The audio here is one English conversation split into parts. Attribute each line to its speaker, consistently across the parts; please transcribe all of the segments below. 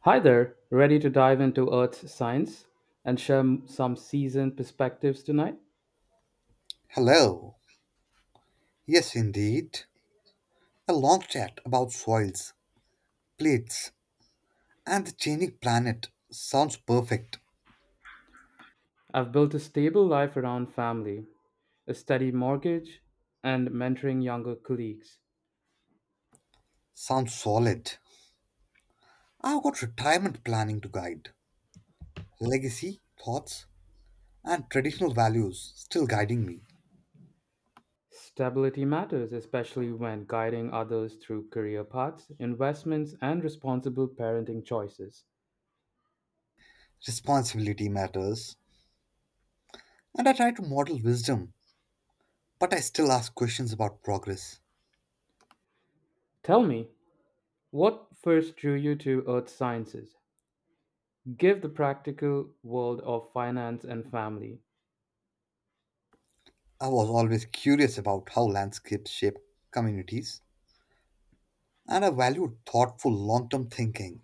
Speaker 1: Hi there, ready to dive into Earth's science and share some seasoned perspectives tonight?
Speaker 2: Hello. Yes, indeed. A long chat about soils, plates, and the changing planet sounds perfect.
Speaker 1: I've built a stable life around family, a steady mortgage, and mentoring younger colleagues.
Speaker 2: Sounds solid. I've got retirement planning to guide, legacy, thoughts, and traditional values still guiding me.
Speaker 1: Stability matters, especially when guiding others through career paths, investments, and responsible parenting choices.
Speaker 2: Responsibility matters, and I try to model wisdom, but I still ask questions about progress.
Speaker 1: Tell me, what first drew you to earth sciences? Give the practical world of finance and family.
Speaker 2: I was always curious about how landscapes shape communities, and I value thoughtful long term thinking.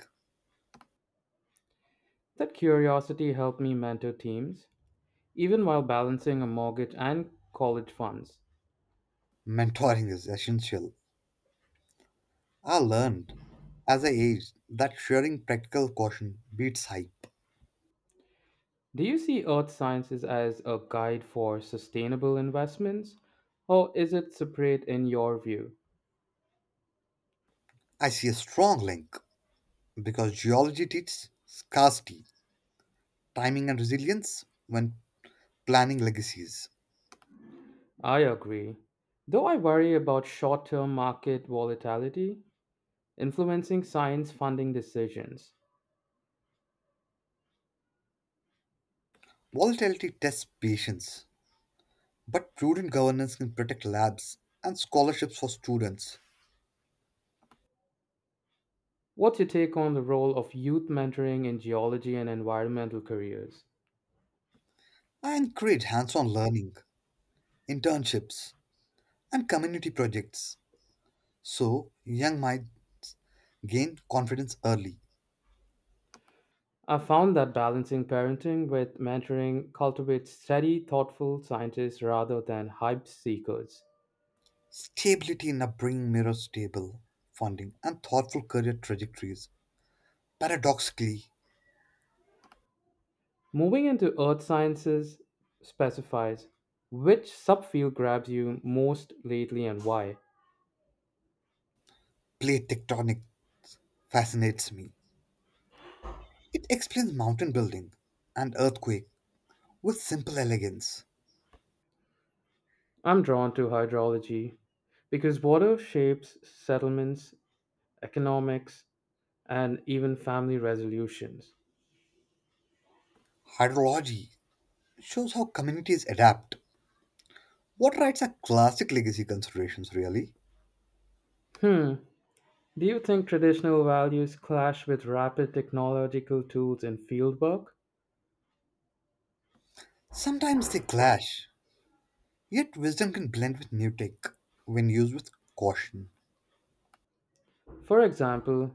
Speaker 1: That curiosity helped me mentor teams even while balancing a mortgage and college funds.
Speaker 2: Mentoring is essential. I learned as I aged that sharing practical caution beats hype.
Speaker 1: Do you see earth sciences as a guide for sustainable investments, or is it separate in your view?
Speaker 2: I see a strong link because geology teaches scarcity, timing, and resilience when planning legacies.
Speaker 1: I agree. Though I worry about short term market volatility influencing science funding decisions.
Speaker 2: Volatility tests patience, but prudent governance can protect labs and scholarships for students.
Speaker 1: What's your take on the role of youth mentoring in geology and environmental careers?
Speaker 2: I encourage hands on learning, internships, and community projects so young might gain confidence early.
Speaker 1: I found that balancing parenting with mentoring cultivates steady, thoughtful scientists rather than hype seekers.
Speaker 2: Stability in upbringing mirrors stable funding and thoughtful career trajectories. Paradoxically,
Speaker 1: Moving into earth sciences specifies which subfield grabs you most lately and why.
Speaker 2: plate tectonics fascinates me. It explains mountain building and earthquake with simple elegance.
Speaker 1: I'm drawn to hydrology because water shapes settlements, economics, and even family resolutions.
Speaker 2: Hydrology shows how communities adapt. Water rights are classic legacy considerations, really.
Speaker 1: Hmm, do you think traditional values clash with rapid technological tools in fieldwork?
Speaker 2: Sometimes they clash, yet wisdom can blend with new tech when used with caution.
Speaker 1: For example,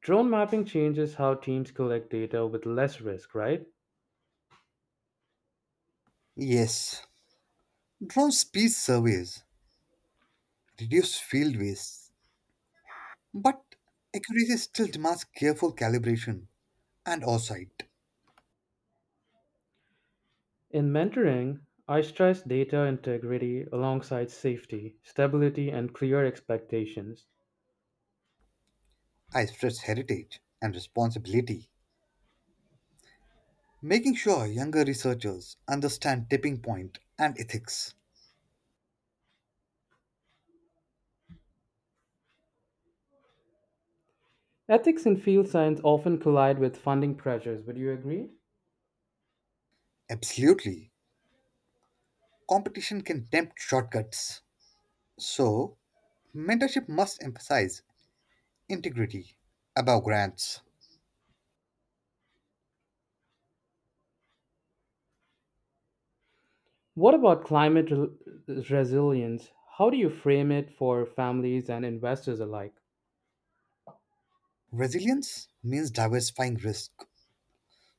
Speaker 1: drone mapping changes how teams collect data with less risk, right?
Speaker 2: Yes, drone speed surveys reduce field waste. But accuracy still demands careful calibration and oversight.
Speaker 1: In mentoring, I stress data integrity alongside safety, stability, and clear expectations.
Speaker 2: I stress heritage and responsibility, making sure younger researchers understand tipping point and ethics.
Speaker 1: Ethics in field science often collide with funding pressures, would you agree?
Speaker 2: Absolutely, competition can tempt shortcuts. So, mentorship must emphasize integrity above grants.
Speaker 1: What about resilience? How do you frame it for families and investors alike?
Speaker 2: Resilience means diversifying risk,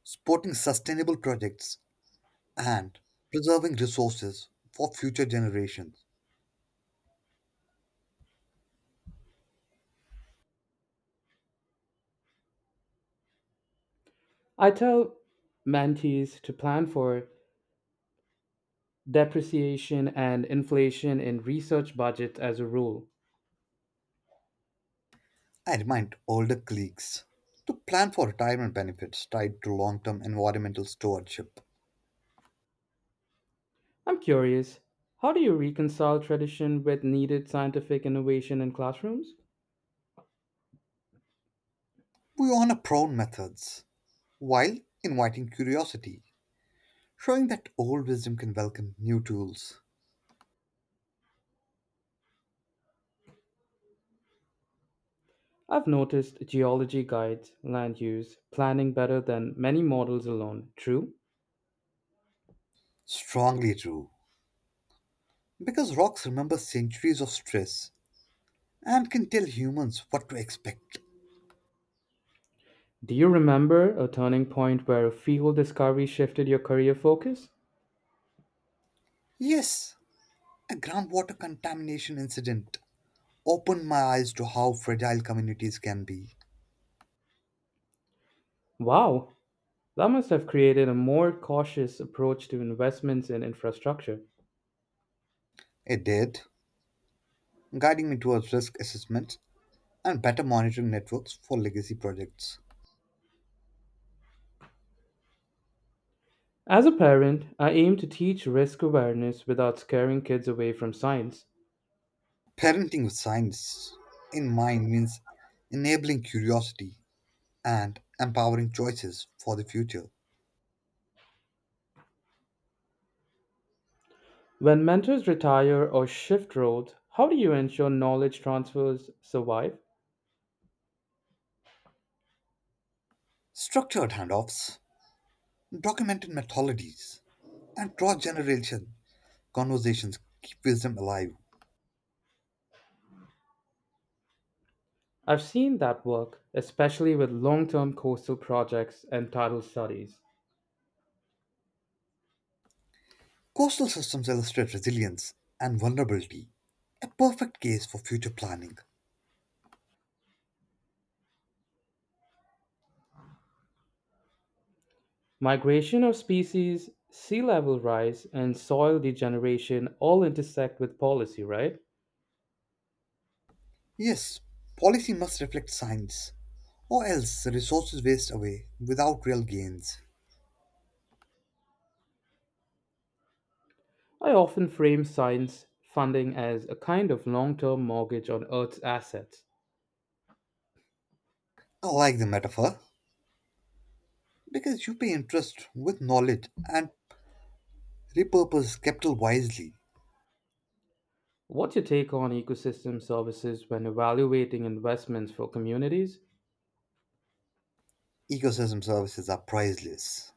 Speaker 2: supporting sustainable projects, and preserving resources for future generations.
Speaker 1: I tell mentees to plan for depreciation and inflation in research budgets as a rule.
Speaker 2: I remind older colleagues to plan for retirement benefits tied to long term environmental stewardship.
Speaker 1: I'm curious, how do you reconcile tradition with needed scientific innovation in classrooms?
Speaker 2: We honor prone methods while inviting curiosity, showing that old wisdom can welcome new tools.
Speaker 1: I've noticed geology guides land use planning better than many models alone. True?
Speaker 2: Strongly true, because rocks remember centuries of stress and can tell humans what to expect.
Speaker 1: Do you remember a turning point where a field discovery shifted your career focus?
Speaker 2: Yes, a groundwater contamination incident opened my eyes to how fragile communities can be.
Speaker 1: Wow, that must have created a more cautious approach to investments in infrastructure.
Speaker 2: It did, guiding me towards risk assessment and better monitoring networks for legacy projects.
Speaker 1: As a parent, I aim to teach risk awareness without scaring kids away from science.
Speaker 2: Parenting with science in mind means enabling curiosity and empowering choices for the future.
Speaker 1: When mentors retire or shift roles, how do you ensure knowledge transfers survive?
Speaker 2: Structured handoffs, documented methodologies, and cross generation conversations keep wisdom alive.
Speaker 1: I've seen that work, especially with long term coastal projects and tidal studies.
Speaker 2: Coastal systems illustrate resilience and vulnerability, a perfect case for future planning.
Speaker 1: Migration of species, sea level rise, and soil degeneration all intersect with policy, right?
Speaker 2: Yes, policy must reflect science, or else resources waste away without real gains.
Speaker 1: I often frame science funding as a kind of long term mortgage on Earth's assets.
Speaker 2: I like the metaphor because you pay interest with knowledge and repurpose capital wisely.
Speaker 1: What's your take on ecosystem services when evaluating investments for communities?
Speaker 2: Ecosystem services are priceless.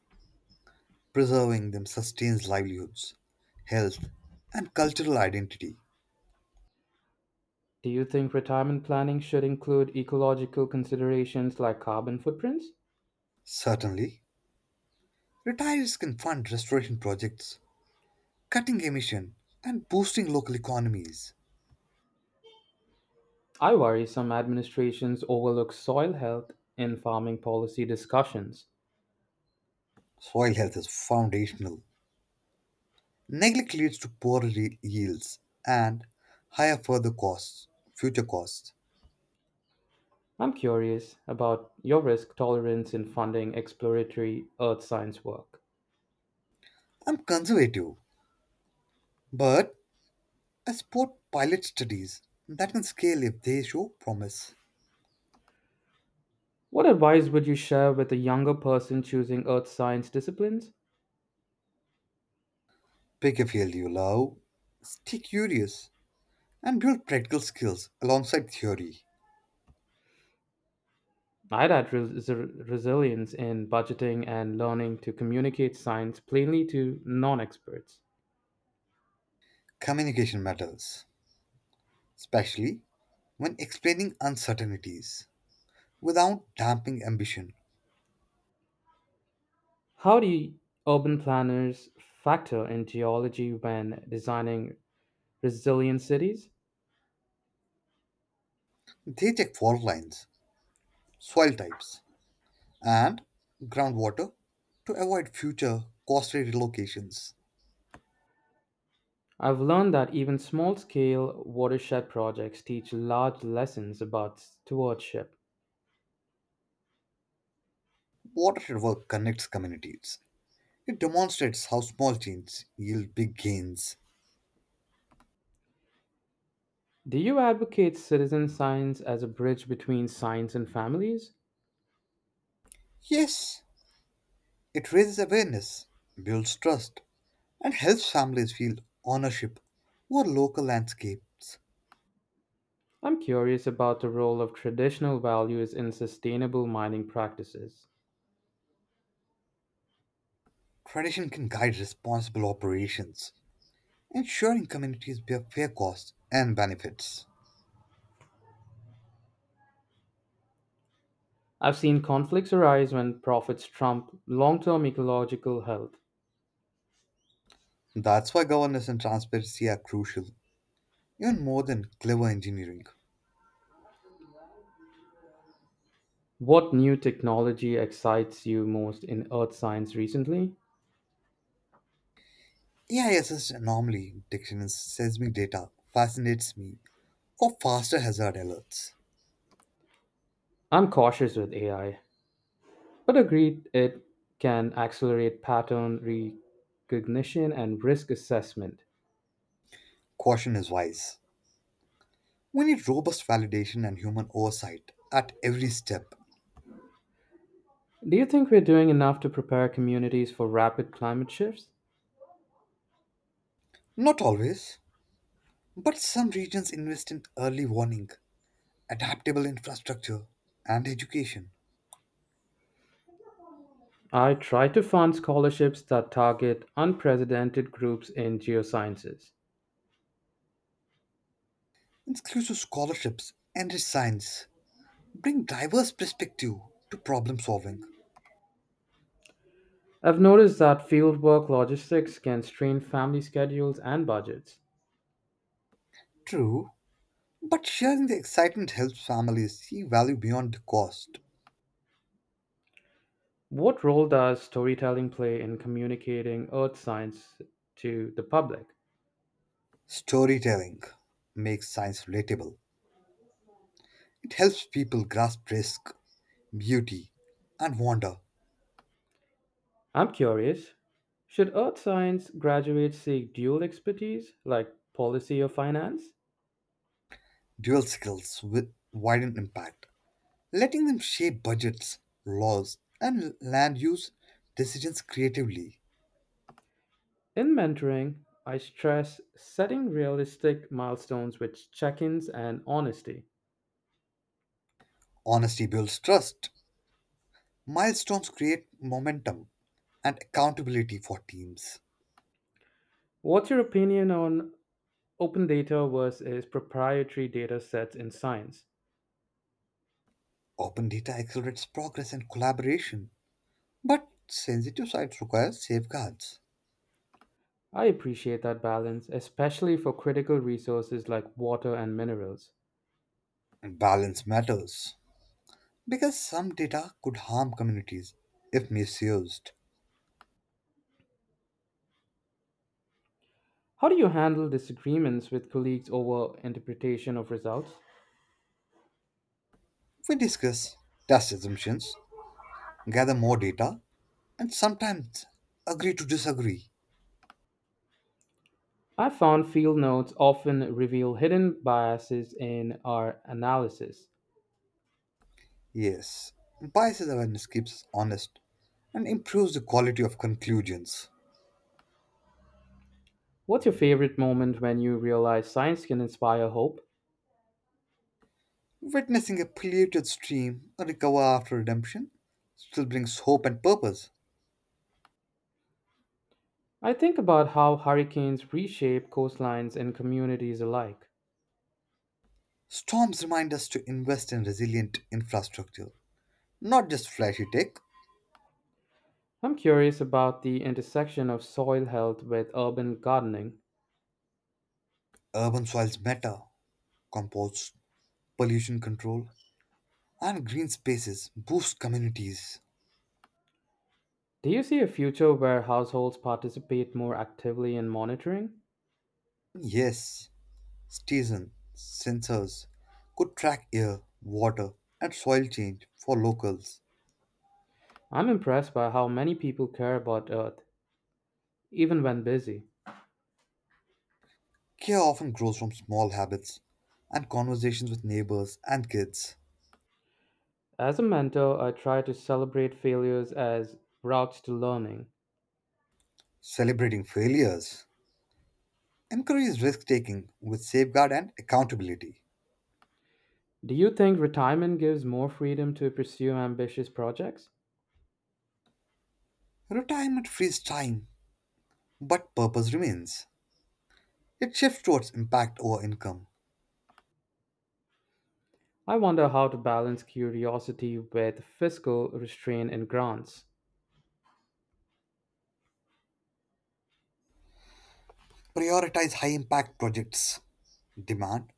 Speaker 2: Preserving them sustains livelihoods, health, and cultural identity.
Speaker 1: Do you think retirement planning should include ecological considerations like carbon footprints?
Speaker 2: Certainly, retirees can fund restoration projects, cutting emission, and boosting local economies.
Speaker 1: I worry some administrations overlook soil health in farming policy discussions.
Speaker 2: Soil health is foundational. Neglect leads to poorer yields and higher further costs, future costs.
Speaker 1: I'm curious about your risk tolerance in funding exploratory earth science work.
Speaker 2: I'm conservative, but I support pilot studies that can scale if they show promise.
Speaker 1: What advice would you share with a younger person choosing earth science disciplines?
Speaker 2: Pick a field you love, stay curious, and build practical skills alongside theory.
Speaker 1: I'd add resilience in budgeting and learning to communicate science plainly to non experts.
Speaker 2: Communication matters, especially when explaining uncertainties without damping ambition.
Speaker 1: How do urban planners factor in geology when designing resilient cities?
Speaker 2: They check fault lines, soil types, and groundwater to avoid future costly relocations.
Speaker 1: I've learned that even small scale watershed projects teach large lessons about stewardship.
Speaker 2: Watershed work connects communities. It demonstrates how small changes yield big gains.
Speaker 1: Do you advocate citizen science as a bridge between science and families?
Speaker 2: Yes, it raises awareness, builds trust, and helps families feel ownership over local landscapes.
Speaker 1: I'm curious about the role of traditional values in sustainable mining practices.
Speaker 2: Tradition can guide responsible operations, ensuring communities bear fair costs and benefits.
Speaker 1: I've seen conflicts arise when profits trump long term ecological health.
Speaker 2: That's why governance and transparency are crucial, even more than clever engineering.
Speaker 1: What new technology excites you most in earth science recently?
Speaker 2: AIS's anomaly detection in seismic data fascinates me for faster hazard alerts.
Speaker 1: I'm cautious with AI, but agreed it can accelerate pattern recognition and risk assessment.
Speaker 2: Caution is wise. We need robust validation and human oversight at every step.
Speaker 1: Do you think we're doing enough to prepare communities for rapid climate shifts?
Speaker 2: Not always, but some regions invest in early warning, adaptable infrastructure, and education.
Speaker 1: I try to fund scholarships that target unprecedented groups in geosciences.
Speaker 2: Inclusive scholarships and science, bring diverse perspective to problem solving.
Speaker 1: I've noticed that fieldwork logistics can strain family schedules and budgets.
Speaker 2: True, but sharing the excitement helps families see value beyond the cost.
Speaker 1: What role does storytelling play in communicating earth science to the public?
Speaker 2: Storytelling makes science relatable. It helps people grasp risk, beauty, and wonder.
Speaker 1: I'm curious, should earth science graduates seek dual expertise like policy or finance?
Speaker 2: Dual skills with widen impact, letting them shape budgets, laws, and land use decisions creatively.
Speaker 1: In mentoring, I stress setting realistic milestones with check ins and honesty.
Speaker 2: Honesty builds trust, milestones create momentum, and accountability for teams.
Speaker 1: What's your opinion on open data versus proprietary data sets in science?
Speaker 2: Open data accelerates progress and collaboration, but sensitive sites require safeguards.
Speaker 1: I appreciate that balance, especially for critical resources like water and minerals.
Speaker 2: Balance matters because some data could harm communities if misused.
Speaker 1: How do you handle disagreements with colleagues over interpretation of results?
Speaker 2: We discuss, test assumptions, gather more data, and sometimes agree to disagree.
Speaker 1: I found field notes often reveal hidden biases in our analysis.
Speaker 2: Yes, biases awareness keeps us honest and improves the quality of conclusions.
Speaker 1: What's your favorite moment when you realize science can inspire hope?
Speaker 2: Witnessing a polluted stream recover after redemption still brings hope and purpose.
Speaker 1: I think about how hurricanes reshape coastlines and communities alike.
Speaker 2: Storms remind us to invest in resilient infrastructure, not just flashy tech.
Speaker 1: I'm curious about the intersection of soil health with urban gardening.
Speaker 2: Urban soils matter, compost, pollution control, and green spaces boost communities.
Speaker 1: Do you see a future where households participate more actively in monitoring?
Speaker 2: Yes, Stephen, sensors could track air, water, and soil change for locals.
Speaker 1: I'm impressed by how many people care about Earth, even when busy.
Speaker 2: Care often grows from small habits and conversations with neighbors and kids.
Speaker 1: As a mentor, I try to celebrate failures as routes to learning.
Speaker 2: Celebrating failures encourages risk taking with safeguard and accountability.
Speaker 1: Do you think retirement gives more freedom to pursue ambitious projects?
Speaker 2: Retirement frees time, but purpose remains. It shifts towards impact over income.
Speaker 1: I wonder how to balance curiosity with fiscal restraint and grants.
Speaker 2: Prioritize high impact projects, demand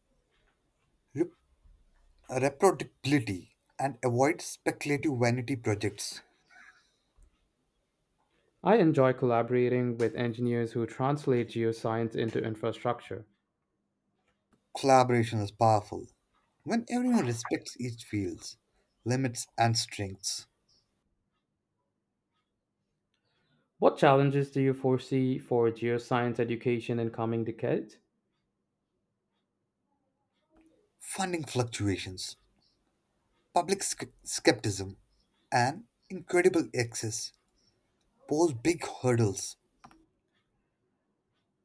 Speaker 2: rep- reproducibility, and avoid speculative vanity projects.
Speaker 1: I enjoy collaborating with engineers who translate geoscience into infrastructure.
Speaker 2: Collaboration is powerful when everyone respects each field's limits and strengths.
Speaker 1: What challenges do you foresee for geoscience education in coming decades?
Speaker 2: Funding fluctuations, public skepticism, and incredible access pose big hurdles.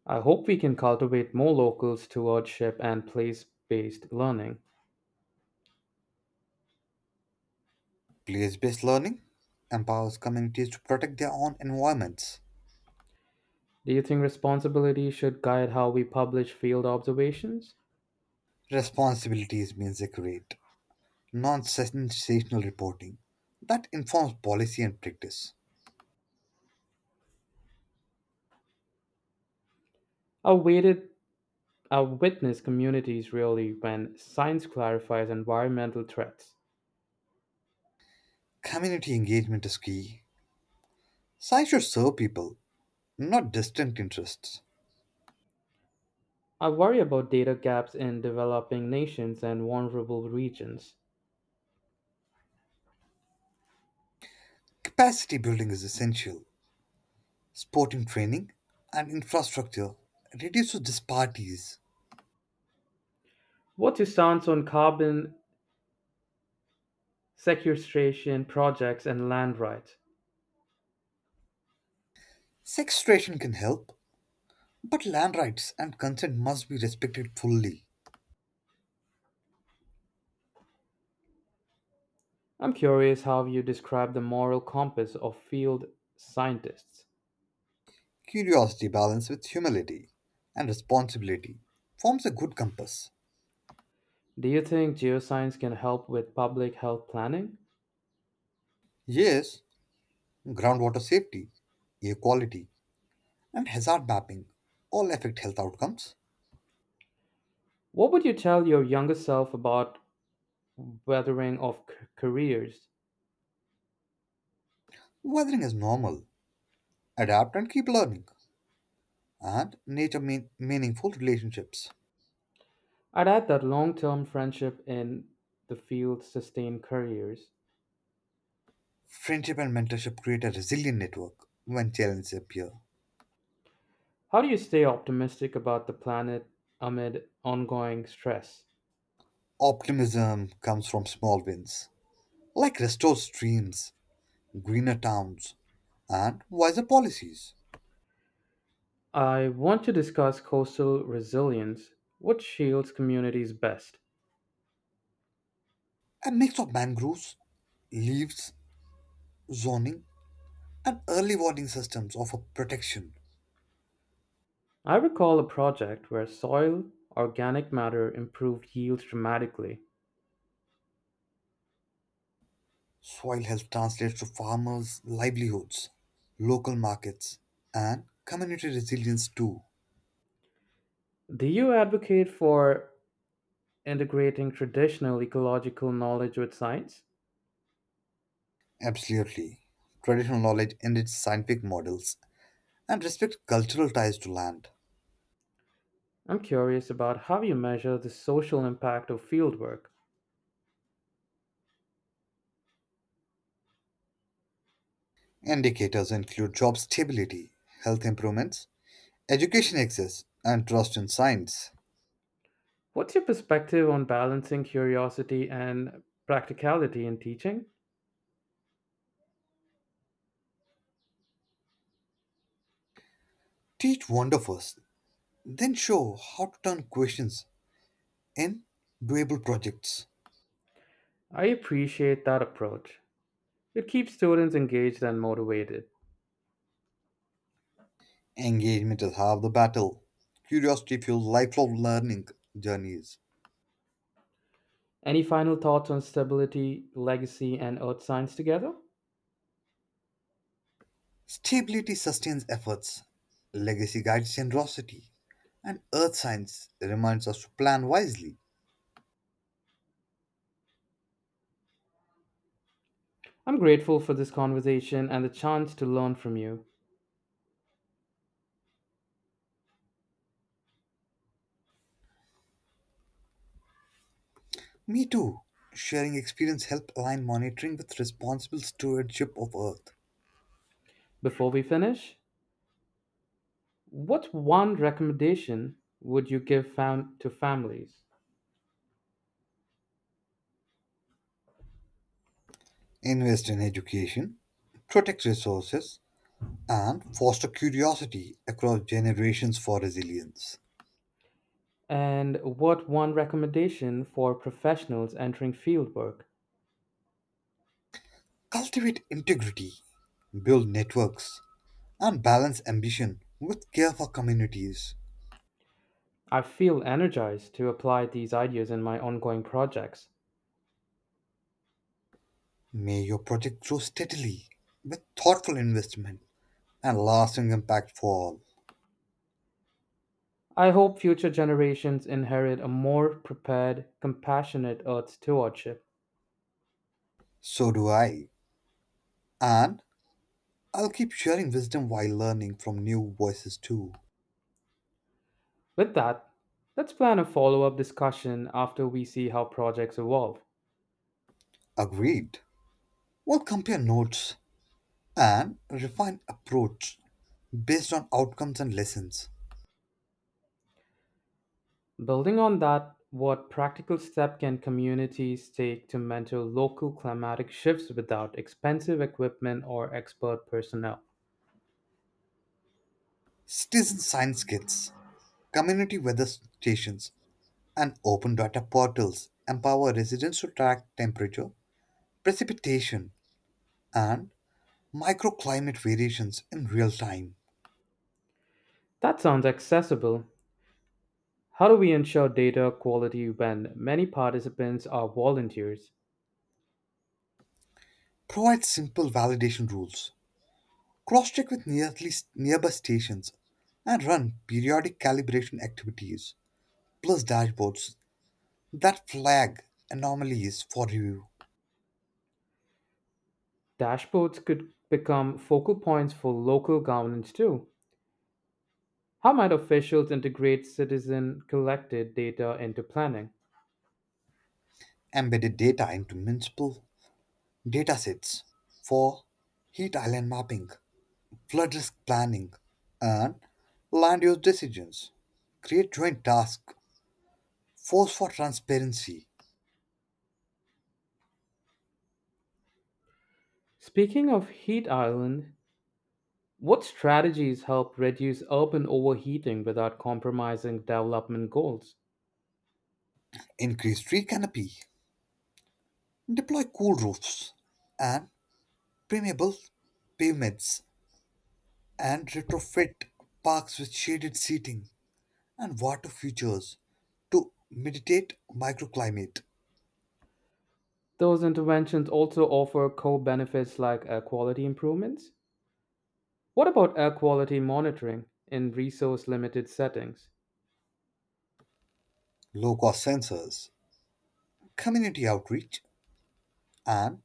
Speaker 1: I hope we can cultivate more locals stewardship and place based learning.
Speaker 2: Place based learning empowers communities to protect their own environments.
Speaker 1: Do you think responsibility should guide how we publish field observations?
Speaker 2: Responsibilities means they create non sensational reporting that informs policy and practice.
Speaker 1: Our weighted our witness communities really when science clarifies environmental threats.
Speaker 2: Community engagement is key. Science should serve people, not distant interests.
Speaker 1: I worry about data gaps in developing nations and vulnerable regions.
Speaker 2: Capacity building is essential. Sporting training and infrastructure reduces disparities.
Speaker 1: What's your stance on carbon sequestration projects and land rights?
Speaker 2: Sequestration can help, but land rights and consent must be respected fully.
Speaker 1: I'm curious how you describe the moral compass of field scientists.
Speaker 2: Curiosity balanced with humility and responsibility forms a good compass.
Speaker 1: Do you think geoscience can help with public health planning?
Speaker 2: Yes, groundwater safety, air quality, and hazard mapping all affect health outcomes.
Speaker 1: What would you tell your younger self about weathering of careers?
Speaker 2: Weathering is normal. Adapt and keep learning. And nature mean meaningful relationships.
Speaker 1: I'd add that long term friendship in the field sustain careers.
Speaker 2: Friendship and mentorship create a resilient network when challenges appear.
Speaker 1: How do you stay optimistic about the planet amid ongoing stress?
Speaker 2: Optimism comes from small wins like restored streams, greener towns, and wiser policies.
Speaker 1: I want to discuss coastal resilience. What shields communities best?
Speaker 2: A mix of mangroves, leaves, zoning, and early warning systems offer protection.
Speaker 1: I recall a project where soil organic matter improved yields dramatically.
Speaker 2: Soil health translates to farmers' livelihoods, local markets, and community resilience too.
Speaker 1: Do you advocate for integrating traditional ecological knowledge with science?
Speaker 2: Absolutely. Traditional knowledge enriches scientific models and respects cultural ties to land.
Speaker 1: I'm curious about how you measure the social impact of fieldwork.
Speaker 2: Indicators include job stability, health improvements, education access, and trust in science.
Speaker 1: What's your perspective on balancing curiosity and practicality in teaching?
Speaker 2: Teach wonder first, then show how to turn questions in doable projects.
Speaker 1: I appreciate that approach. It keeps students engaged and motivated.
Speaker 2: Engagement is half the battle. Curiosity fuels lifelong learning journeys.
Speaker 1: Any final thoughts on stability, legacy, and earth science together?
Speaker 2: Stability sustains efforts. Legacy guides generosity. And earth science reminds us to plan wisely.
Speaker 1: I'm grateful for this conversation and the chance to learn from you.
Speaker 2: Me too. Sharing experience help align monitoring with responsible stewardship of earth.
Speaker 1: Before we finish, what one recommendation would you give to families?
Speaker 2: Invest in education. Protect resources and foster curiosity across generations for resilience.
Speaker 1: And what one recommendation for professionals entering fieldwork?
Speaker 2: Cultivate integrity, build networks, and balance ambition with care for communities.
Speaker 1: I feel energized to apply these ideas in my ongoing projects.
Speaker 2: May your project grow steadily with thoughtful investment and lasting impact for all.
Speaker 1: I hope future generations inherit a more prepared, compassionate earth stewardship.
Speaker 2: So do I. And I'll keep sharing wisdom while learning from new voices too.
Speaker 1: With that, let's plan a follow up discussion after we see how projects evolve.
Speaker 2: Agreed. We'll compare notes and refine approach based on outcomes and lessons.
Speaker 1: Building on that, what practical step can communities take to mentor local climatic shifts without expensive equipment or expert personnel?
Speaker 2: Citizen science kits. Community weather stations and open data portals empower residents to track temperature, precipitation, and microclimate variations in real time.
Speaker 1: That sounds accessible. How do we ensure data quality when many participants are volunteers?
Speaker 2: Provide simple validation rules. Cross check with nearby stations and run periodic calibration activities, plus dashboards that flag anomalies for review.
Speaker 1: Dashboards could become focal points for local governance too. How might officials integrate citizen collected data into planning?
Speaker 2: Embedded data into municipal datasets for heat island mapping, flood risk planning, and land use decisions. Create joint tasks. Force for transparency.
Speaker 1: Speaking of heat island, what strategies help reduce urban overheating without compromising development goals?
Speaker 2: Increase tree canopy. Deploy cool roofs and permeable pavements. And retrofit parks with shaded seating and water features to mediate microclimate.
Speaker 1: Those interventions also offer co benefits like air quality improvements. What about air quality monitoring in resource limited settings?
Speaker 2: Low cost sensors. Community outreach and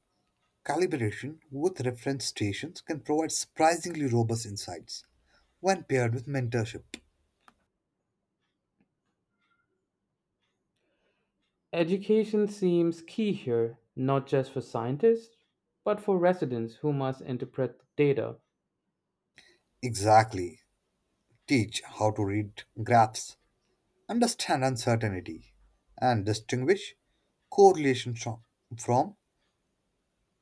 Speaker 2: calibration with reference stations can provide surprisingly robust insights when paired with mentorship.
Speaker 1: Education seems key here, not just for scientists, but for residents who must interpret the data.
Speaker 2: Exactly. Teach how to read graphs, understand uncertainty, and distinguish correlation tro- from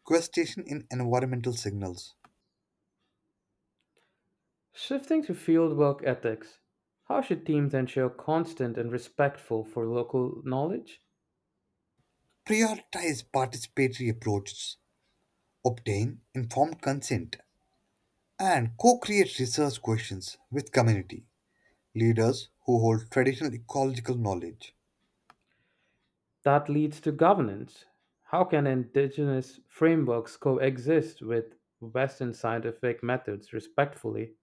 Speaker 2: causation in environmental signals.
Speaker 1: Shifting to fieldwork ethics, how should teams ensure constant and respectful for local knowledge?
Speaker 2: Prioritize participatory approaches, obtain informed consent, and co create research questions with community leaders who hold traditional ecological knowledge.
Speaker 1: That leads to governance. How can indigenous frameworks coexist with Western scientific methods respectfully?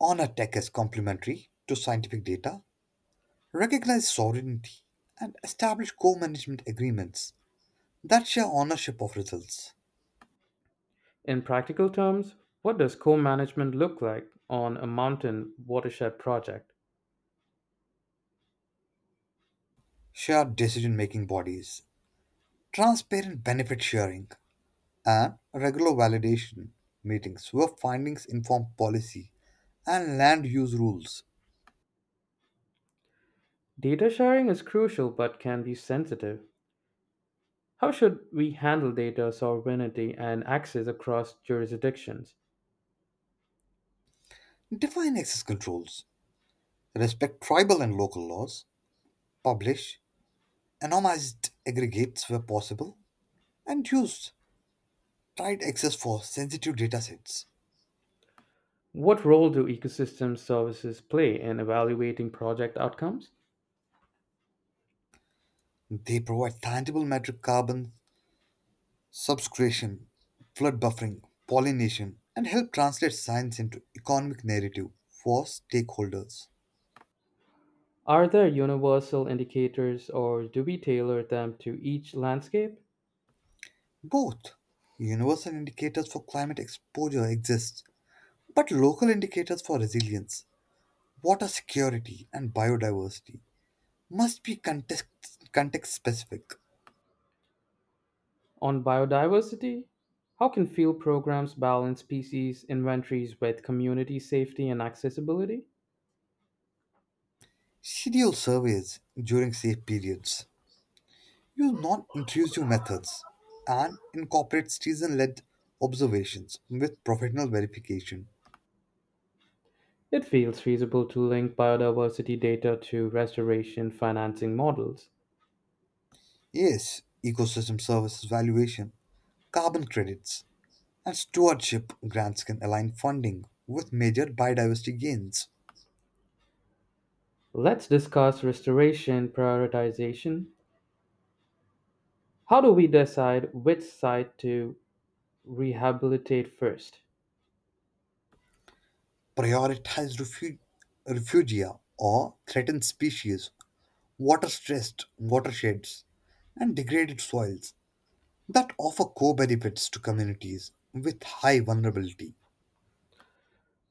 Speaker 2: Honor tech as complementary to scientific data, recognize sovereignty, and establish co management agreements that share ownership of results.
Speaker 1: In practical terms, what does co management look like on a mountain watershed project?
Speaker 2: Shared decision-making bodies, transparent benefit sharing, and regular validation meetings where findings inform policy and land use rules.
Speaker 1: Data sharing is crucial but can be sensitive. How should we handle data sovereignty and access across jurisdictions?
Speaker 2: Define access controls, respect tribal and local laws, publish anonymized aggregates where possible, and use tight access for sensitive datasets.
Speaker 1: What role do ecosystem services play in evaluating project outcomes?
Speaker 2: They provide tangible metric carbon subscription, flood buffering, pollination, and help translate science into economic narrative for stakeholders.
Speaker 1: Are there universal indicators or do we tailor them to each landscape?
Speaker 2: Both universal indicators for climate exposure exist, but local indicators for resilience, water security, and biodiversity must be context specific.
Speaker 1: On biodiversity, how can field programs balance species inventories with community safety and accessibility?
Speaker 2: Schedule surveys during safe periods, use non intrusive methods, and incorporate season led observations with professional verification.
Speaker 1: It feels feasible to link biodiversity data to restoration financing models.
Speaker 2: Yes, ecosystem services valuation, carbon credits, and stewardship grants can align funding with major biodiversity gains.
Speaker 1: Let's discuss restoration prioritization. How do we decide which site to rehabilitate first?
Speaker 2: Prioritize refugia or threatened species, water stressed watersheds, and degraded soils that offer co benefits to communities with high vulnerability.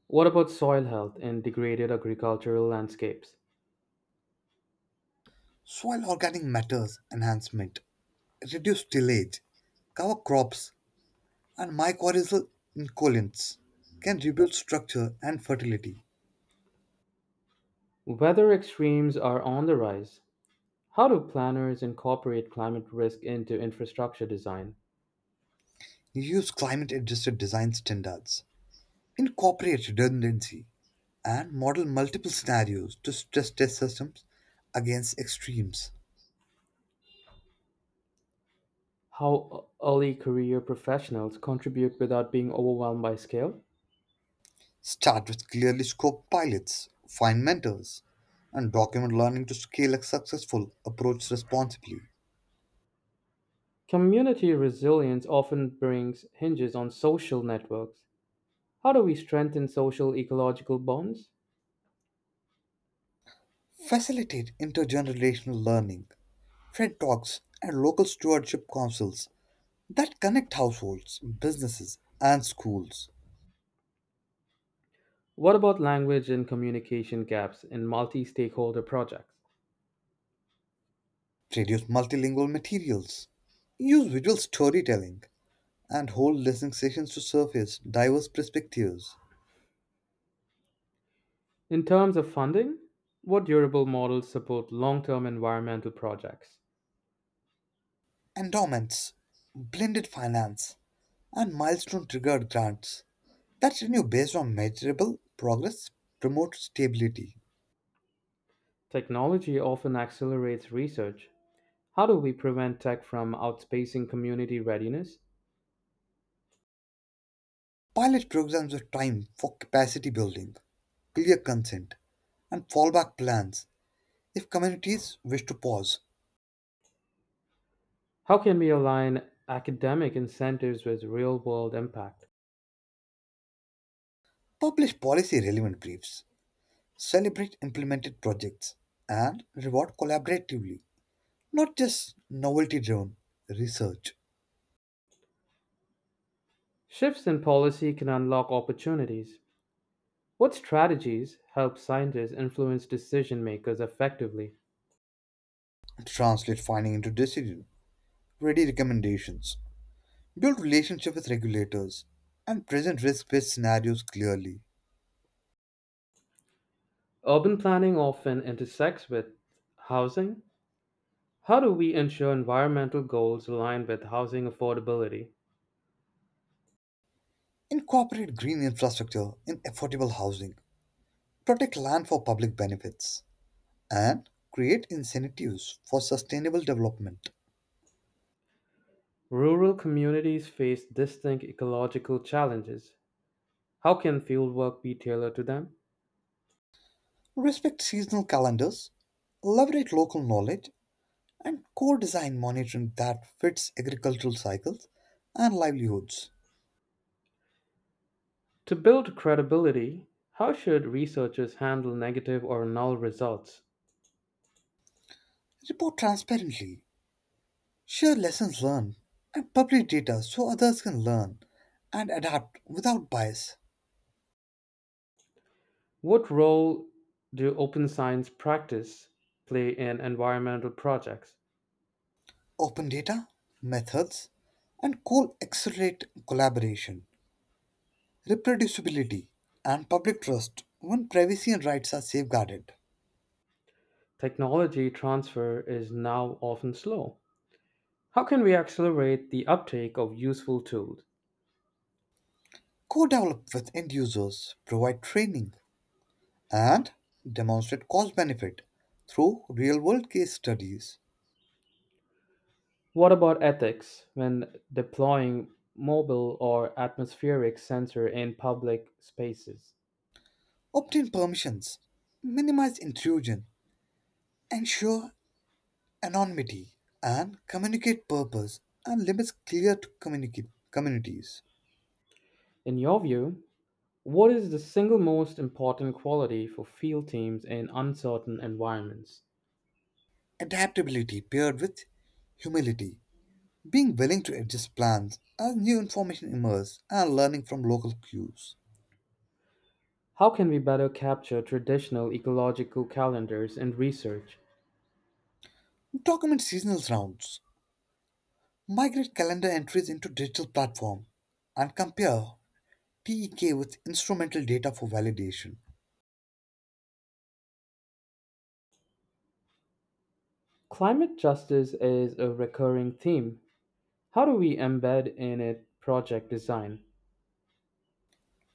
Speaker 1: What about soil health in degraded agricultural landscapes?
Speaker 2: Soil organic matters enhancement, reduce tillage, cover crops and mycorrhizal encolins can rebuild structure and fertility.
Speaker 1: Weather extremes are on the rise. How do planners incorporate climate risk into infrastructure design?
Speaker 2: Use climate adjusted design standards. Incorporate redundancy and model multiple scenarios to stress test systems against extremes.
Speaker 1: How early career professionals contribute without being overwhelmed by scale?
Speaker 2: Start with clearly scoped pilots, find mentors, and document learning to scale a successful approach responsibly.
Speaker 1: Community resilience often brings hinges on social networks. How do we strengthen social ecological bonds?
Speaker 2: Facilitate intergenerational learning, TED Talks, and local stewardship councils that connect households, businesses, and schools.
Speaker 1: What about language and communication gaps in multi stakeholder projects?
Speaker 2: Produce multilingual materials, use visual storytelling, and hold listening sessions to surface diverse perspectives.
Speaker 1: In terms of funding, what durable models support long term environmental projects?
Speaker 2: Endowments, blended finance, and milestone triggered grants that renew based on measurable progress promote stability.
Speaker 1: Technology often accelerates research. How do we prevent tech from outspacing community readiness?
Speaker 2: Pilot programs with time for capacity building, clear consent, and fallback plans if communities wish to pause.
Speaker 1: How can we align academic incentives with real world impact?
Speaker 2: Publish policy relevant briefs. Celebrate implemented projects and reward collaboratively, not just novelty driven research.
Speaker 1: Shifts in policy can unlock opportunities. What strategies help scientists influence decision makers effectively?
Speaker 2: Translate finding into decision, ready recommendations, build relationship with regulators, and present risk-based scenarios clearly.
Speaker 1: Urban planning often intersects with housing. How do we ensure environmental goals align with housing affordability?
Speaker 2: Incorporate green infrastructure in affordable housing, protect land for public benefits, and create incentives for sustainable development.
Speaker 1: Rural communities face distinct ecological challenges. How can fieldwork be tailored to them?
Speaker 2: Respect seasonal calendars, leverage local knowledge, and co-design monitoring that fits agricultural cycles and livelihoods.
Speaker 1: To build credibility, how should researchers handle negative or null results?
Speaker 2: Report transparently, share lessons learned, and publish data so others can learn and adapt without bias.
Speaker 1: What role do open science practice play in environmental projects?
Speaker 2: Open data, methods, and co accelerate collaboration, reproducibility, and public trust when privacy and rights are safeguarded.
Speaker 1: Technology transfer is now often slow. How can we accelerate the uptake of useful tools?
Speaker 2: Co develop with end users, provide training, and demonstrate cost benefit through real world case studies.
Speaker 1: What about ethics when deploying mobile or atmospheric sensor in public spaces?
Speaker 2: Obtain permissions, minimize intrusion, ensure anonymity, and communicate purpose and limits clear to communicate communities.
Speaker 1: In your view, what is the single most important quality for field teams in uncertain environments?
Speaker 2: Adaptability paired with humility, being willing to adjust plans as new information emerges and learning from local cues.
Speaker 1: How can we better capture traditional ecological calendars in research?
Speaker 2: Document seasonal rounds, migrate calendar entries into digital platform, and compare PEK with instrumental data for validation.
Speaker 1: Climate justice is a recurring theme. How do we embed in it project design?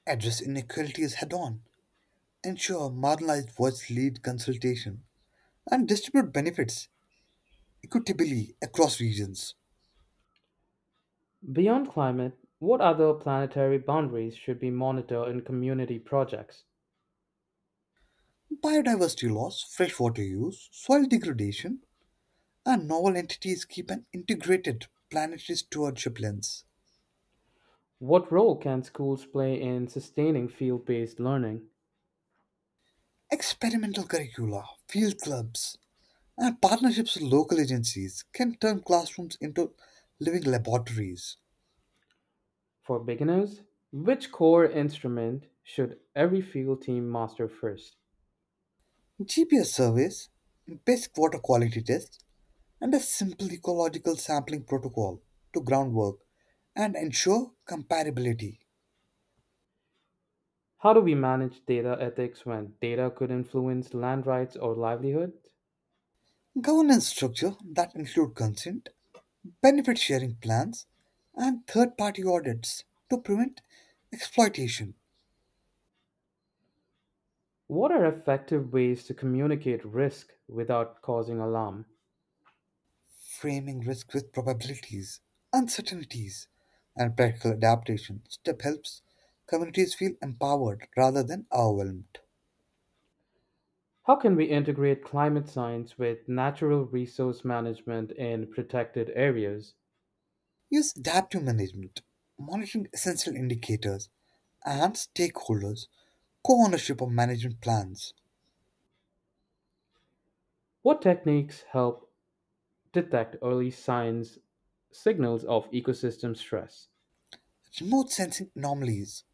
Speaker 2: Address inequalities head on and sure, marginalized voices lead consultation and distribute benefits equitably across regions.
Speaker 1: Beyond climate, what other planetary boundaries should be monitored in community projects?
Speaker 2: Biodiversity loss, freshwater use, soil degradation, and novel entities keep an integrated planetary stewardship lens.
Speaker 1: What role can schools play in sustaining field based learning?
Speaker 2: Experimental curricula, field clubs, and partnerships with local agencies can turn classrooms into living laboratories.
Speaker 1: For beginners, which core instrument should every field team master first?
Speaker 2: GPS surveys, basic water quality tests, and a simple ecological sampling protocol to groundwork and ensure comparability.
Speaker 1: How do we manage data ethics when data could influence land rights or livelihood?
Speaker 2: Governance structure that include consent, benefit sharing plans, and third party audits to prevent exploitation,
Speaker 1: What are effective ways to communicate risk without causing alarm?
Speaker 2: framing risk with probabilities, uncertainties, and practical adaptation. Step helps communities feel empowered rather than overwhelmed.
Speaker 1: How can we integrate climate science with natural resource management in protected areas?
Speaker 2: Use adaptive management, monitoring essential indicators and stakeholders co-ownership of management plans,
Speaker 1: What techniques help detect early signs signals of ecosystem stress?
Speaker 2: remote sensing anomalies,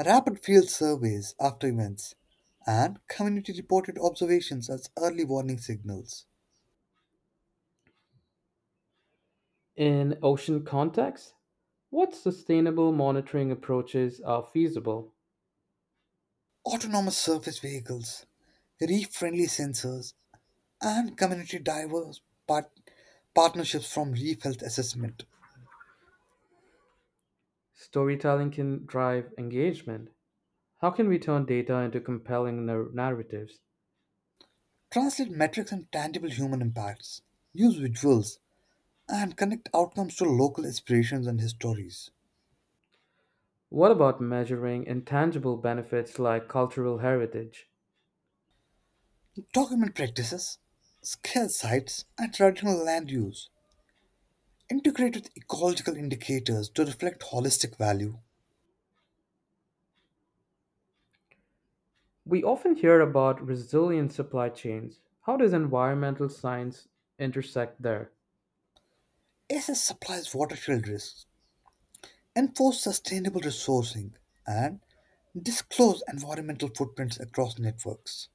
Speaker 2: rapid field surveys after events, and community reported observations as early warning signals.
Speaker 1: In ocean contexts, what sustainable monitoring approaches are feasible?
Speaker 2: Autonomous surface vehicles, reef friendly sensors, and community diverse part- partnerships from Reef Health Assessment.
Speaker 1: Storytelling can drive engagement. How can we turn data into compelling narratives?
Speaker 2: Translate metrics and tangible human impacts, use visuals, and connect outcomes to local aspirations and histories.
Speaker 1: What about measuring intangible benefits like cultural heritage?
Speaker 2: Document practices, scale sites, and traditional land use. Integrate with ecological indicators to reflect holistic value.
Speaker 1: We often hear about resilient supply chains. How does environmental science intersect there?
Speaker 2: Assess supplies watershed risks. Enforce sustainable resourcing and disclose environmental footprints across networks.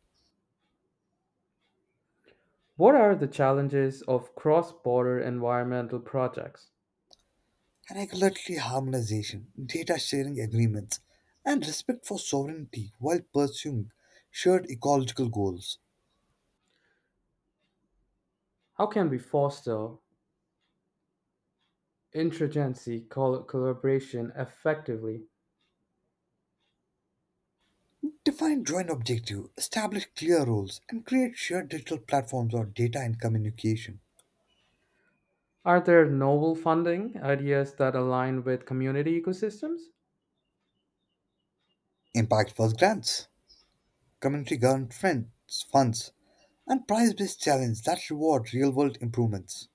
Speaker 1: What are the challenges of cross border environmental projects?
Speaker 2: Regulatory harmonization, data sharing agreements, and respect for sovereignty while pursuing shared ecological goals.
Speaker 1: How can we foster interagency collaboration effectively?
Speaker 2: Define joint objective, establish clear roles, and create shared digital platforms or data and communication.
Speaker 1: Are there novel funding ideas that align with community ecosystems?
Speaker 2: Impact first grants, community government friends, funds, and prize based challenges that reward real world improvements.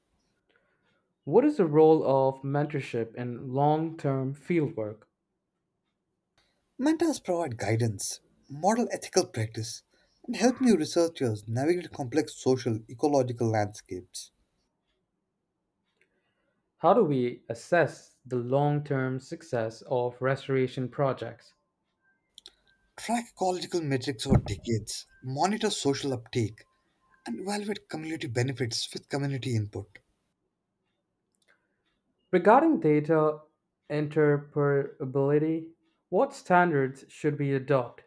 Speaker 1: What is the role of mentorship in long term fieldwork?
Speaker 2: Mentors provide guidance, model ethical practice, and help new researchers navigate complex social ecological landscapes.
Speaker 1: How do we assess the long term success of restoration projects?
Speaker 2: Track ecological metrics over decades, monitor social uptake, and evaluate community benefits with community input.
Speaker 1: Regarding data interoperability, what standards should we adopt?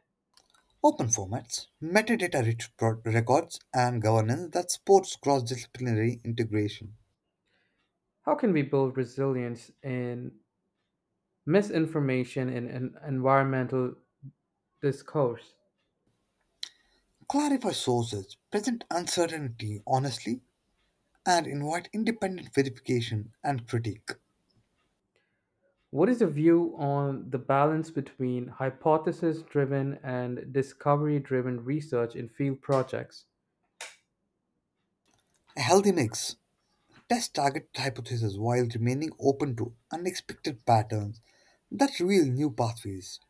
Speaker 2: Open formats, records, and governance that supports cross-disciplinary integration.
Speaker 1: How can we build resilience in misinformation in environmental discourse?
Speaker 2: Clarify sources, present uncertainty honestly, and invite independent verification and critique.
Speaker 1: What is the view on the balance between hypothesis driven and discovery driven research in field projects?
Speaker 2: A healthy mix. Test target hypotheses while remaining open to unexpected patterns that reveal new pathways.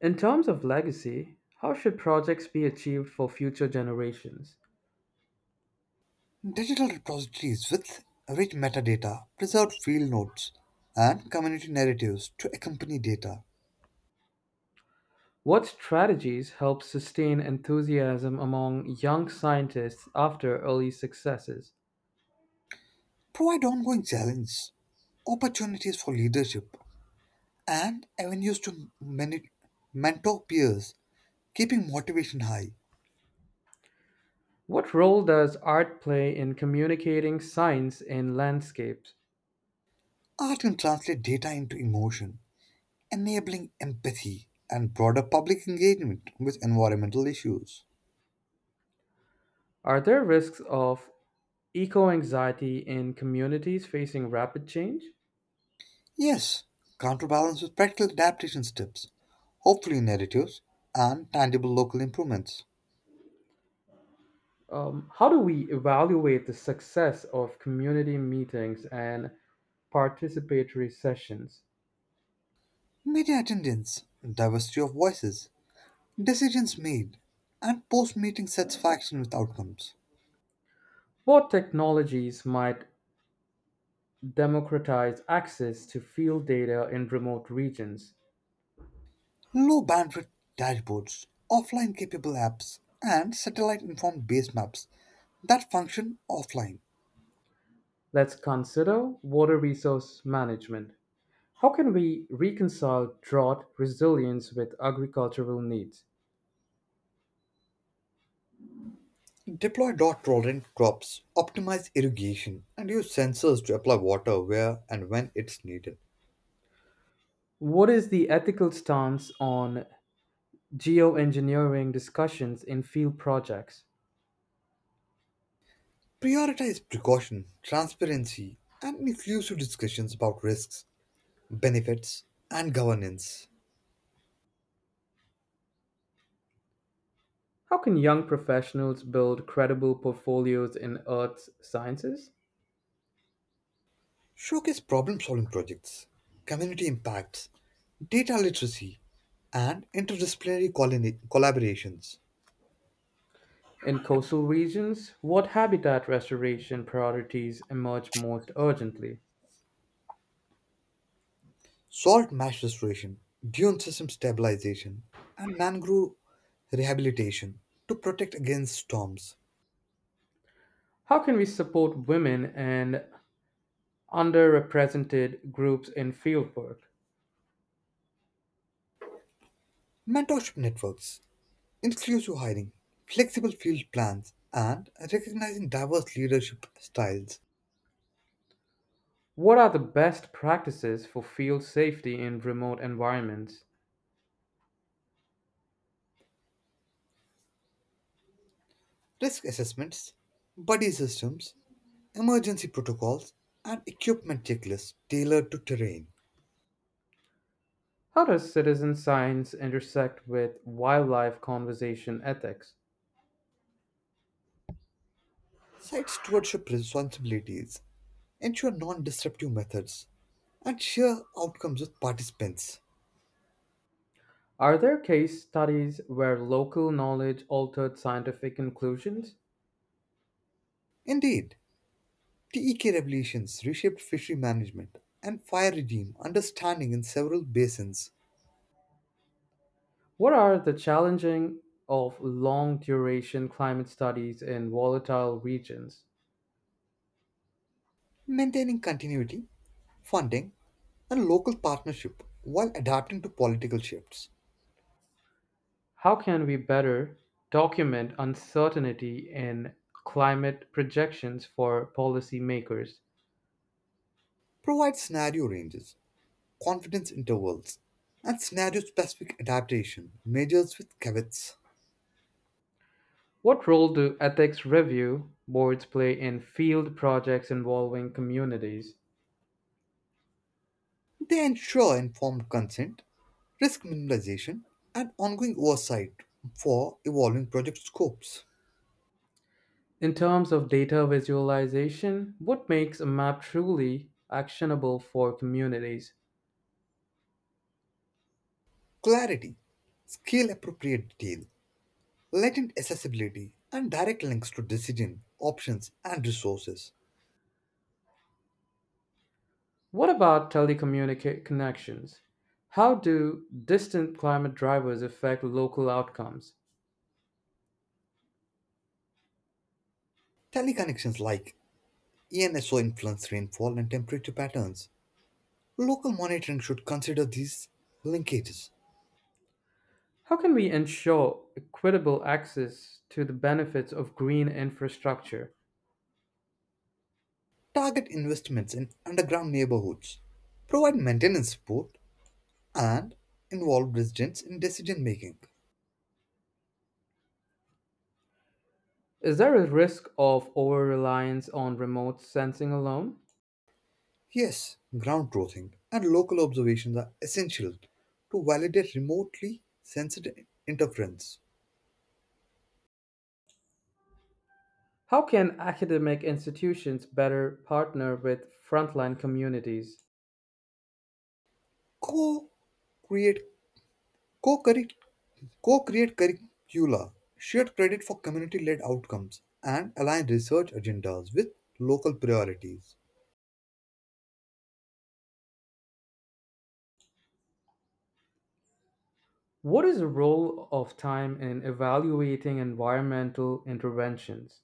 Speaker 1: In terms of legacy, how should projects be achieved for future generations?
Speaker 2: Digital repositories with rich metadata, preserved field notes, and community narratives to accompany data
Speaker 1: What strategies help sustain enthusiasm among young scientists after early successes?
Speaker 2: provide ongoing challenge opportunities for leadership, and avenues to mentor peers, keeping motivation high.
Speaker 1: What role does art play in communicating science in landscapes?
Speaker 2: Art can translate data into emotion, enabling empathy and broader public engagement with environmental issues.
Speaker 1: Are there risks of eco anxiety in communities facing rapid change?
Speaker 2: Yes, counterbalance with practical adaptation steps, hopefully narratives, and tangible local improvements.
Speaker 1: How do we evaluate the success of community meetings and participatory sessions?
Speaker 2: Media attendance, diversity of voices, decisions made, and post meeting satisfaction with outcomes.
Speaker 1: What technologies might democratize access to field data in remote regions?
Speaker 2: Low bandwidth dashboards, offline capable apps, and satellite informed base maps that function offline.
Speaker 1: Let's consider water resource management. How can we reconcile drought resilience with agricultural needs?
Speaker 2: Deploy drought tolerant crops, optimize irrigation, and use sensors to apply water where and when it's needed.
Speaker 1: What is the ethical stance on geoengineering discussions in field projects?
Speaker 2: Prioritize precaution, transparency, and inclusive discussions about risks, benefits, and governance.
Speaker 1: How can young professionals build credible portfolios in earth sciences?
Speaker 2: Showcase problem solving projects, community impacts, data literacy, and interdisciplinary collaborations.
Speaker 1: In coastal regions, what habitat restoration priorities emerge most urgently?
Speaker 2: Salt marsh restoration, dune system stabilization, and mangrove rehabilitation to protect against storms,
Speaker 1: How can we support women and underrepresented groups in fieldwork?
Speaker 2: mentorship networks, inclusive hiring, flexible field plans, and recognizing diverse leadership styles,
Speaker 1: What are the best practices for field safety in remote environments?
Speaker 2: risk assessments, buddy systems, emergency protocols, and equipment checklists tailored to terrain.
Speaker 1: How does citizen science intersect with wildlife conservation ethics?
Speaker 2: Site stewardship responsibilities ensure non disruptive methods and share outcomes with participants.
Speaker 1: Are there case studies where local knowledge altered scientific conclusions?
Speaker 2: Indeed, TEK regulations reshaped fishery management and fire regime understanding in several basins,
Speaker 1: What are the challenges of long duration climate studies in volatile regions?
Speaker 2: maintaining continuity, funding, and local partnership while adapting to political shifts.
Speaker 1: How can we better document uncertainty in climate projections for policymakers?
Speaker 2: Provide scenario ranges, confidence intervals, and scenario specific adaptation measures with caveats.
Speaker 1: What role do ethics review boards play in field projects involving communities?
Speaker 2: They ensure informed consent, risk minimization, and ongoing oversight for evolving project scopes.
Speaker 1: In terms of data visualization, what makes a map truly actionable for communities?
Speaker 2: Clarity, scale appropriate detail, latent accessibility and direct links to decision, options, and resources.
Speaker 1: What about connections? How do distant climate drivers affect local outcomes?
Speaker 2: Teleconnections like ENSO influence rainfall and temperature patterns. Local monitoring should consider these linkages.
Speaker 1: How can we ensure equitable access to the benefits of green infrastructure?
Speaker 2: Target investments in underground neighborhoods. Provide maintenance support and involve residents in decision making.
Speaker 1: Is there a risk of over reliance on remote sensing alone?
Speaker 2: Yes, ground truthing and local observations are essential to validate remotely sensitive interference.
Speaker 1: How can academic institutions better partner with frontline communities?
Speaker 2: Co create Co-curric- co-create curricula, shared credit for community-led outcomes, and align research agendas with local priorities.
Speaker 1: What is the role of time in evaluating environmental interventions?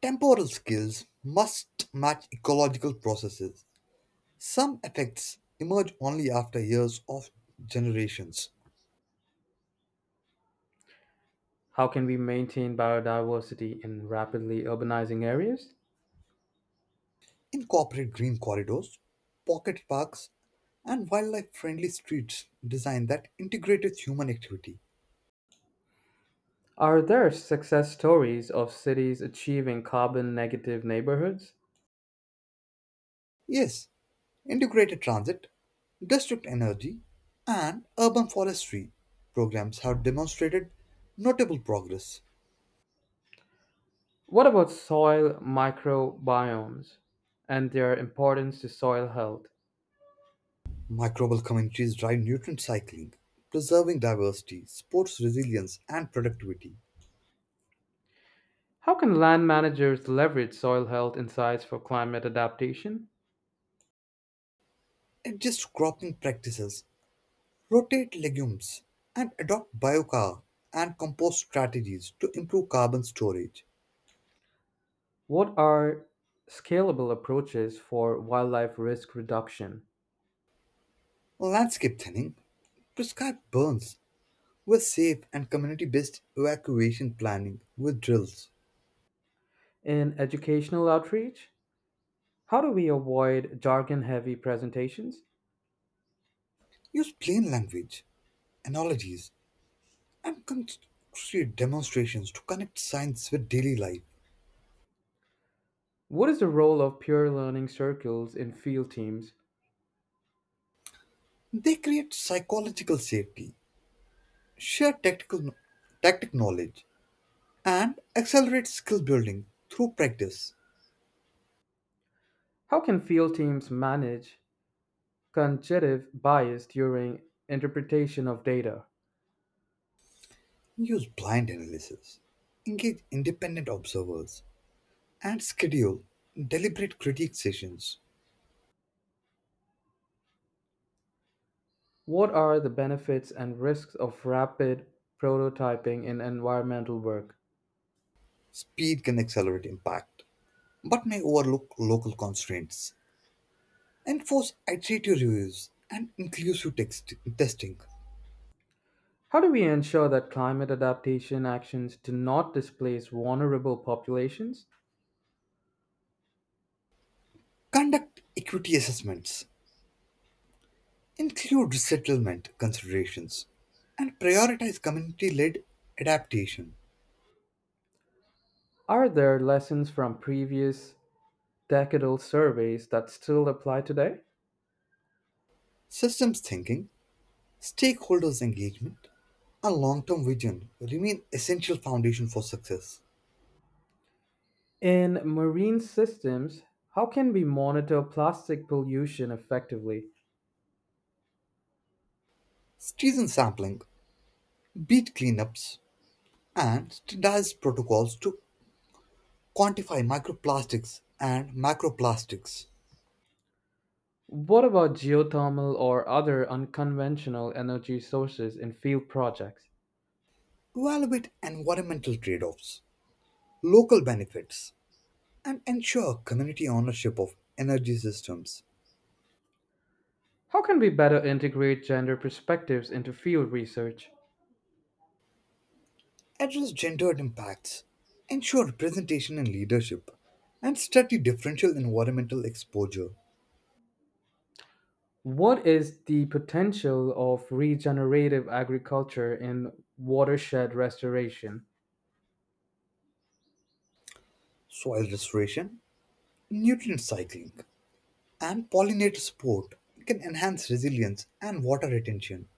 Speaker 2: Temporal skills must match ecological processes. Some effects emerge only after years of generations.
Speaker 1: How can we maintain biodiversity in rapidly urbanizing areas?
Speaker 2: Incorporate green corridors, pocket parks, and wildlife friendly streets designed that integrated human activity.
Speaker 1: Are there success stories of cities achieving carbon negative neighborhoods?
Speaker 2: Yes, integrated transit, district energy, and urban forestry programs have demonstrated notable progress.
Speaker 1: What about soil microbiomes and their importance to soil health?
Speaker 2: Microbial communities drive nutrient cycling, preserving diversity, supports resilience, and productivity.
Speaker 1: How can land managers leverage soil health insights for climate adaptation?
Speaker 2: Adjust cropping practices, rotate legumes, and adopt biochar and compost strategies to improve carbon storage.
Speaker 1: What are scalable approaches for wildlife risk reduction?
Speaker 2: Landscape thinning, prescribed burns with safe and community based evacuation planning with drills.
Speaker 1: In educational outreach, how do we avoid jargon heavy presentations?
Speaker 2: Use plain language, analogies, and concrete demonstrations to connect science with daily life.
Speaker 1: What is the role of peer learning circles in field teams?
Speaker 2: They create psychological safety, share tactical, tactic knowledge, and accelerate skill building through practice.
Speaker 1: How can field teams manage cognitive bias during interpretation of data?
Speaker 2: Use blind analysis, engage independent observers, and schedule deliberate critique sessions.
Speaker 1: What are the benefits and risks of rapid prototyping in environmental work?
Speaker 2: Speed can accelerate impact, but may overlook local constraints. Enforce iterative reviews and inclusive testing.
Speaker 1: How do we ensure that climate adaptation actions do not displace vulnerable populations?
Speaker 2: Conduct equity assessments, include resettlement considerations, and prioritize community led adaptation.
Speaker 1: Are there lessons from previous decadal surveys that still apply today?
Speaker 2: Systems thinking, stakeholders' engagement, and long term vision remain essential foundation for success.
Speaker 1: In marine systems, how can we monitor plastic pollution effectively?
Speaker 2: Season sampling, beat cleanups, and standardized protocols to quantify microplastics and macroplastics,
Speaker 1: What about geothermal or other unconventional energy sources in field projects?
Speaker 2: evaluate environmental trade offs, local benefits, and ensure community ownership of energy systems.
Speaker 1: How can we better integrate gender perspectives into field research?
Speaker 2: Address gendered impacts, ensure representation in leadership, and study differential environmental exposure,
Speaker 1: What is the potential of regenerative agriculture in watershed restoration?
Speaker 2: soil restoration, nutrient cycling, and pollinator support can enhance resilience and water retention.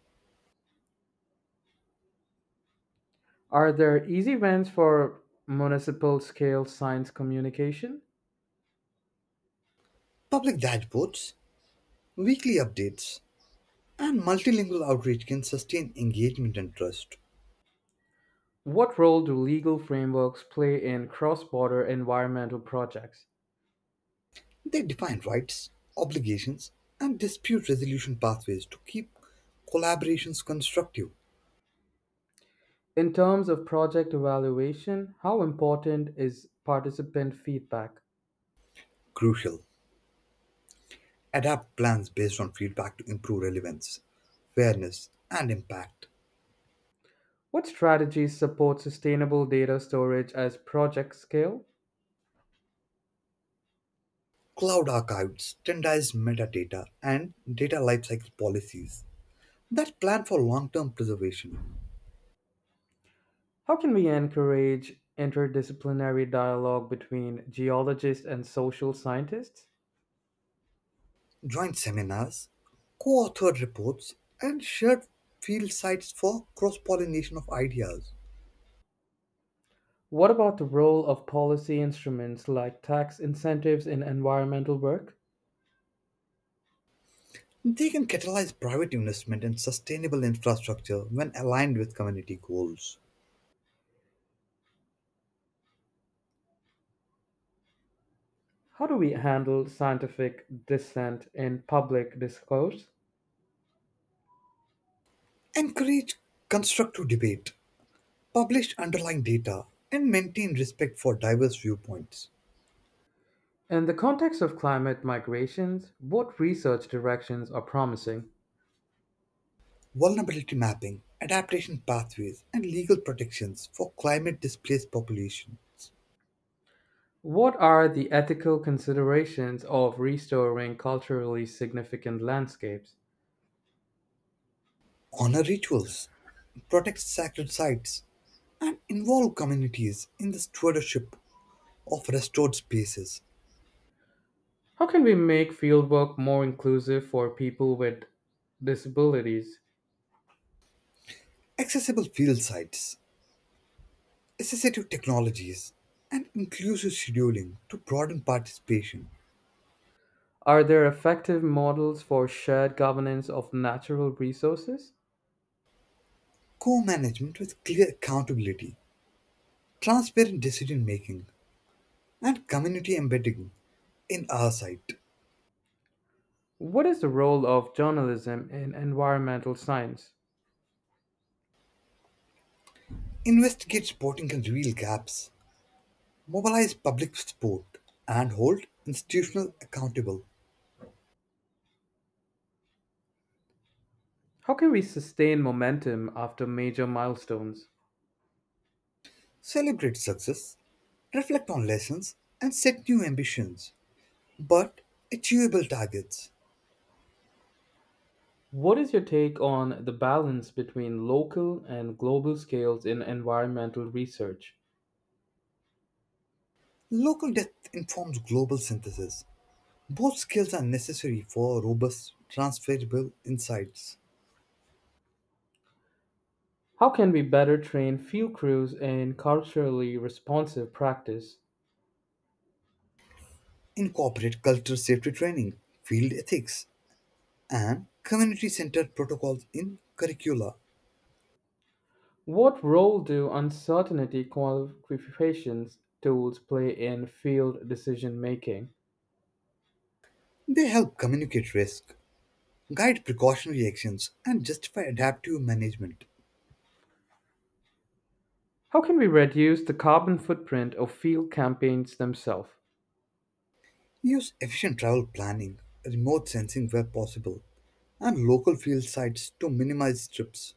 Speaker 1: Are there easy wins for municipal scale science communication?
Speaker 2: Public dashboards, weekly updates, and multilingual outreach can sustain engagement and trust.
Speaker 1: What role do legal frameworks play in cross border environmental projects?
Speaker 2: They define rights, obligations, and dispute resolution pathways to keep collaborations constructive,
Speaker 1: In terms of project evaluation, how important is participant feedback?
Speaker 2: crucial adapt plans based on feedback to improve relevance, fairness, and impact.
Speaker 1: What strategies support sustainable data storage as projects scale?
Speaker 2: Cloud archives, standardized metadata, and data lifecycle policies that plan for long term preservation.
Speaker 1: How can we encourage interdisciplinary dialogue between geologists and social scientists?
Speaker 2: Joint seminars, co authored reports, and shared field sites for cross pollination of ideas.
Speaker 1: What about the role of policy instruments like tax incentives in environmental work?
Speaker 2: They can catalyze private investment in sustainable infrastructure when aligned with community goals.
Speaker 1: How do we handle scientific dissent in public discourse?
Speaker 2: Encourage constructive debate publish underlying data, and maintain respect for diverse viewpoints,
Speaker 1: In the context of climate migrations, what research directions are promising?
Speaker 2: vulnerability mapping, adaptation pathways, and legal protections for climate displaced populations.
Speaker 1: What are the ethical considerations of restoring culturally significant landscapes?
Speaker 2: Honor rituals, protect sacred sites, and involve communities in the stewardship of restored spaces,
Speaker 1: How can we make fieldwork more inclusive for people with disabilities?
Speaker 2: accessible field sites, assistive technologies, and inclusive scheduling to broaden participation,
Speaker 1: Are there effective models for shared governance of natural resources?
Speaker 2: co management with clear accountability, transparent decision making, and community embedding in our site.
Speaker 1: What is the role of journalism in environmental science?
Speaker 2: Investigate sporting and real gaps, mobilize public support, and hold institutional accountable.
Speaker 1: How can we sustain momentum after major milestones?
Speaker 2: Celebrate success, reflect on lessons, and set new ambitions, but achievable targets.
Speaker 1: What is your take on the balance between local and global scales in environmental research?
Speaker 2: Local depth informs global synthesis. Both skills are necessary for robust, transferable insights.
Speaker 1: How can we better train field crews in culturally responsive practice?
Speaker 2: Incorporate culture safety training, field ethics, and community centered protocols in curricula.
Speaker 1: What role do uncertainty qualifications tools play in field decision making?
Speaker 2: They help communicate risk, guide precautionary actions, and justify adaptive management.
Speaker 1: How can we reduce the carbon footprint of field campaigns themselves?
Speaker 2: Use efficient travel planning, remote sensing where possible, and local field sites to minimize trips.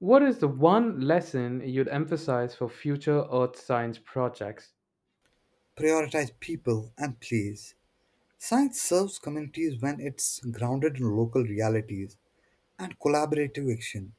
Speaker 1: What is the one lesson you'd emphasize for future Earth science projects?
Speaker 2: Prioritize people and place. Science serves communities when it's grounded in local realities and collaborative action.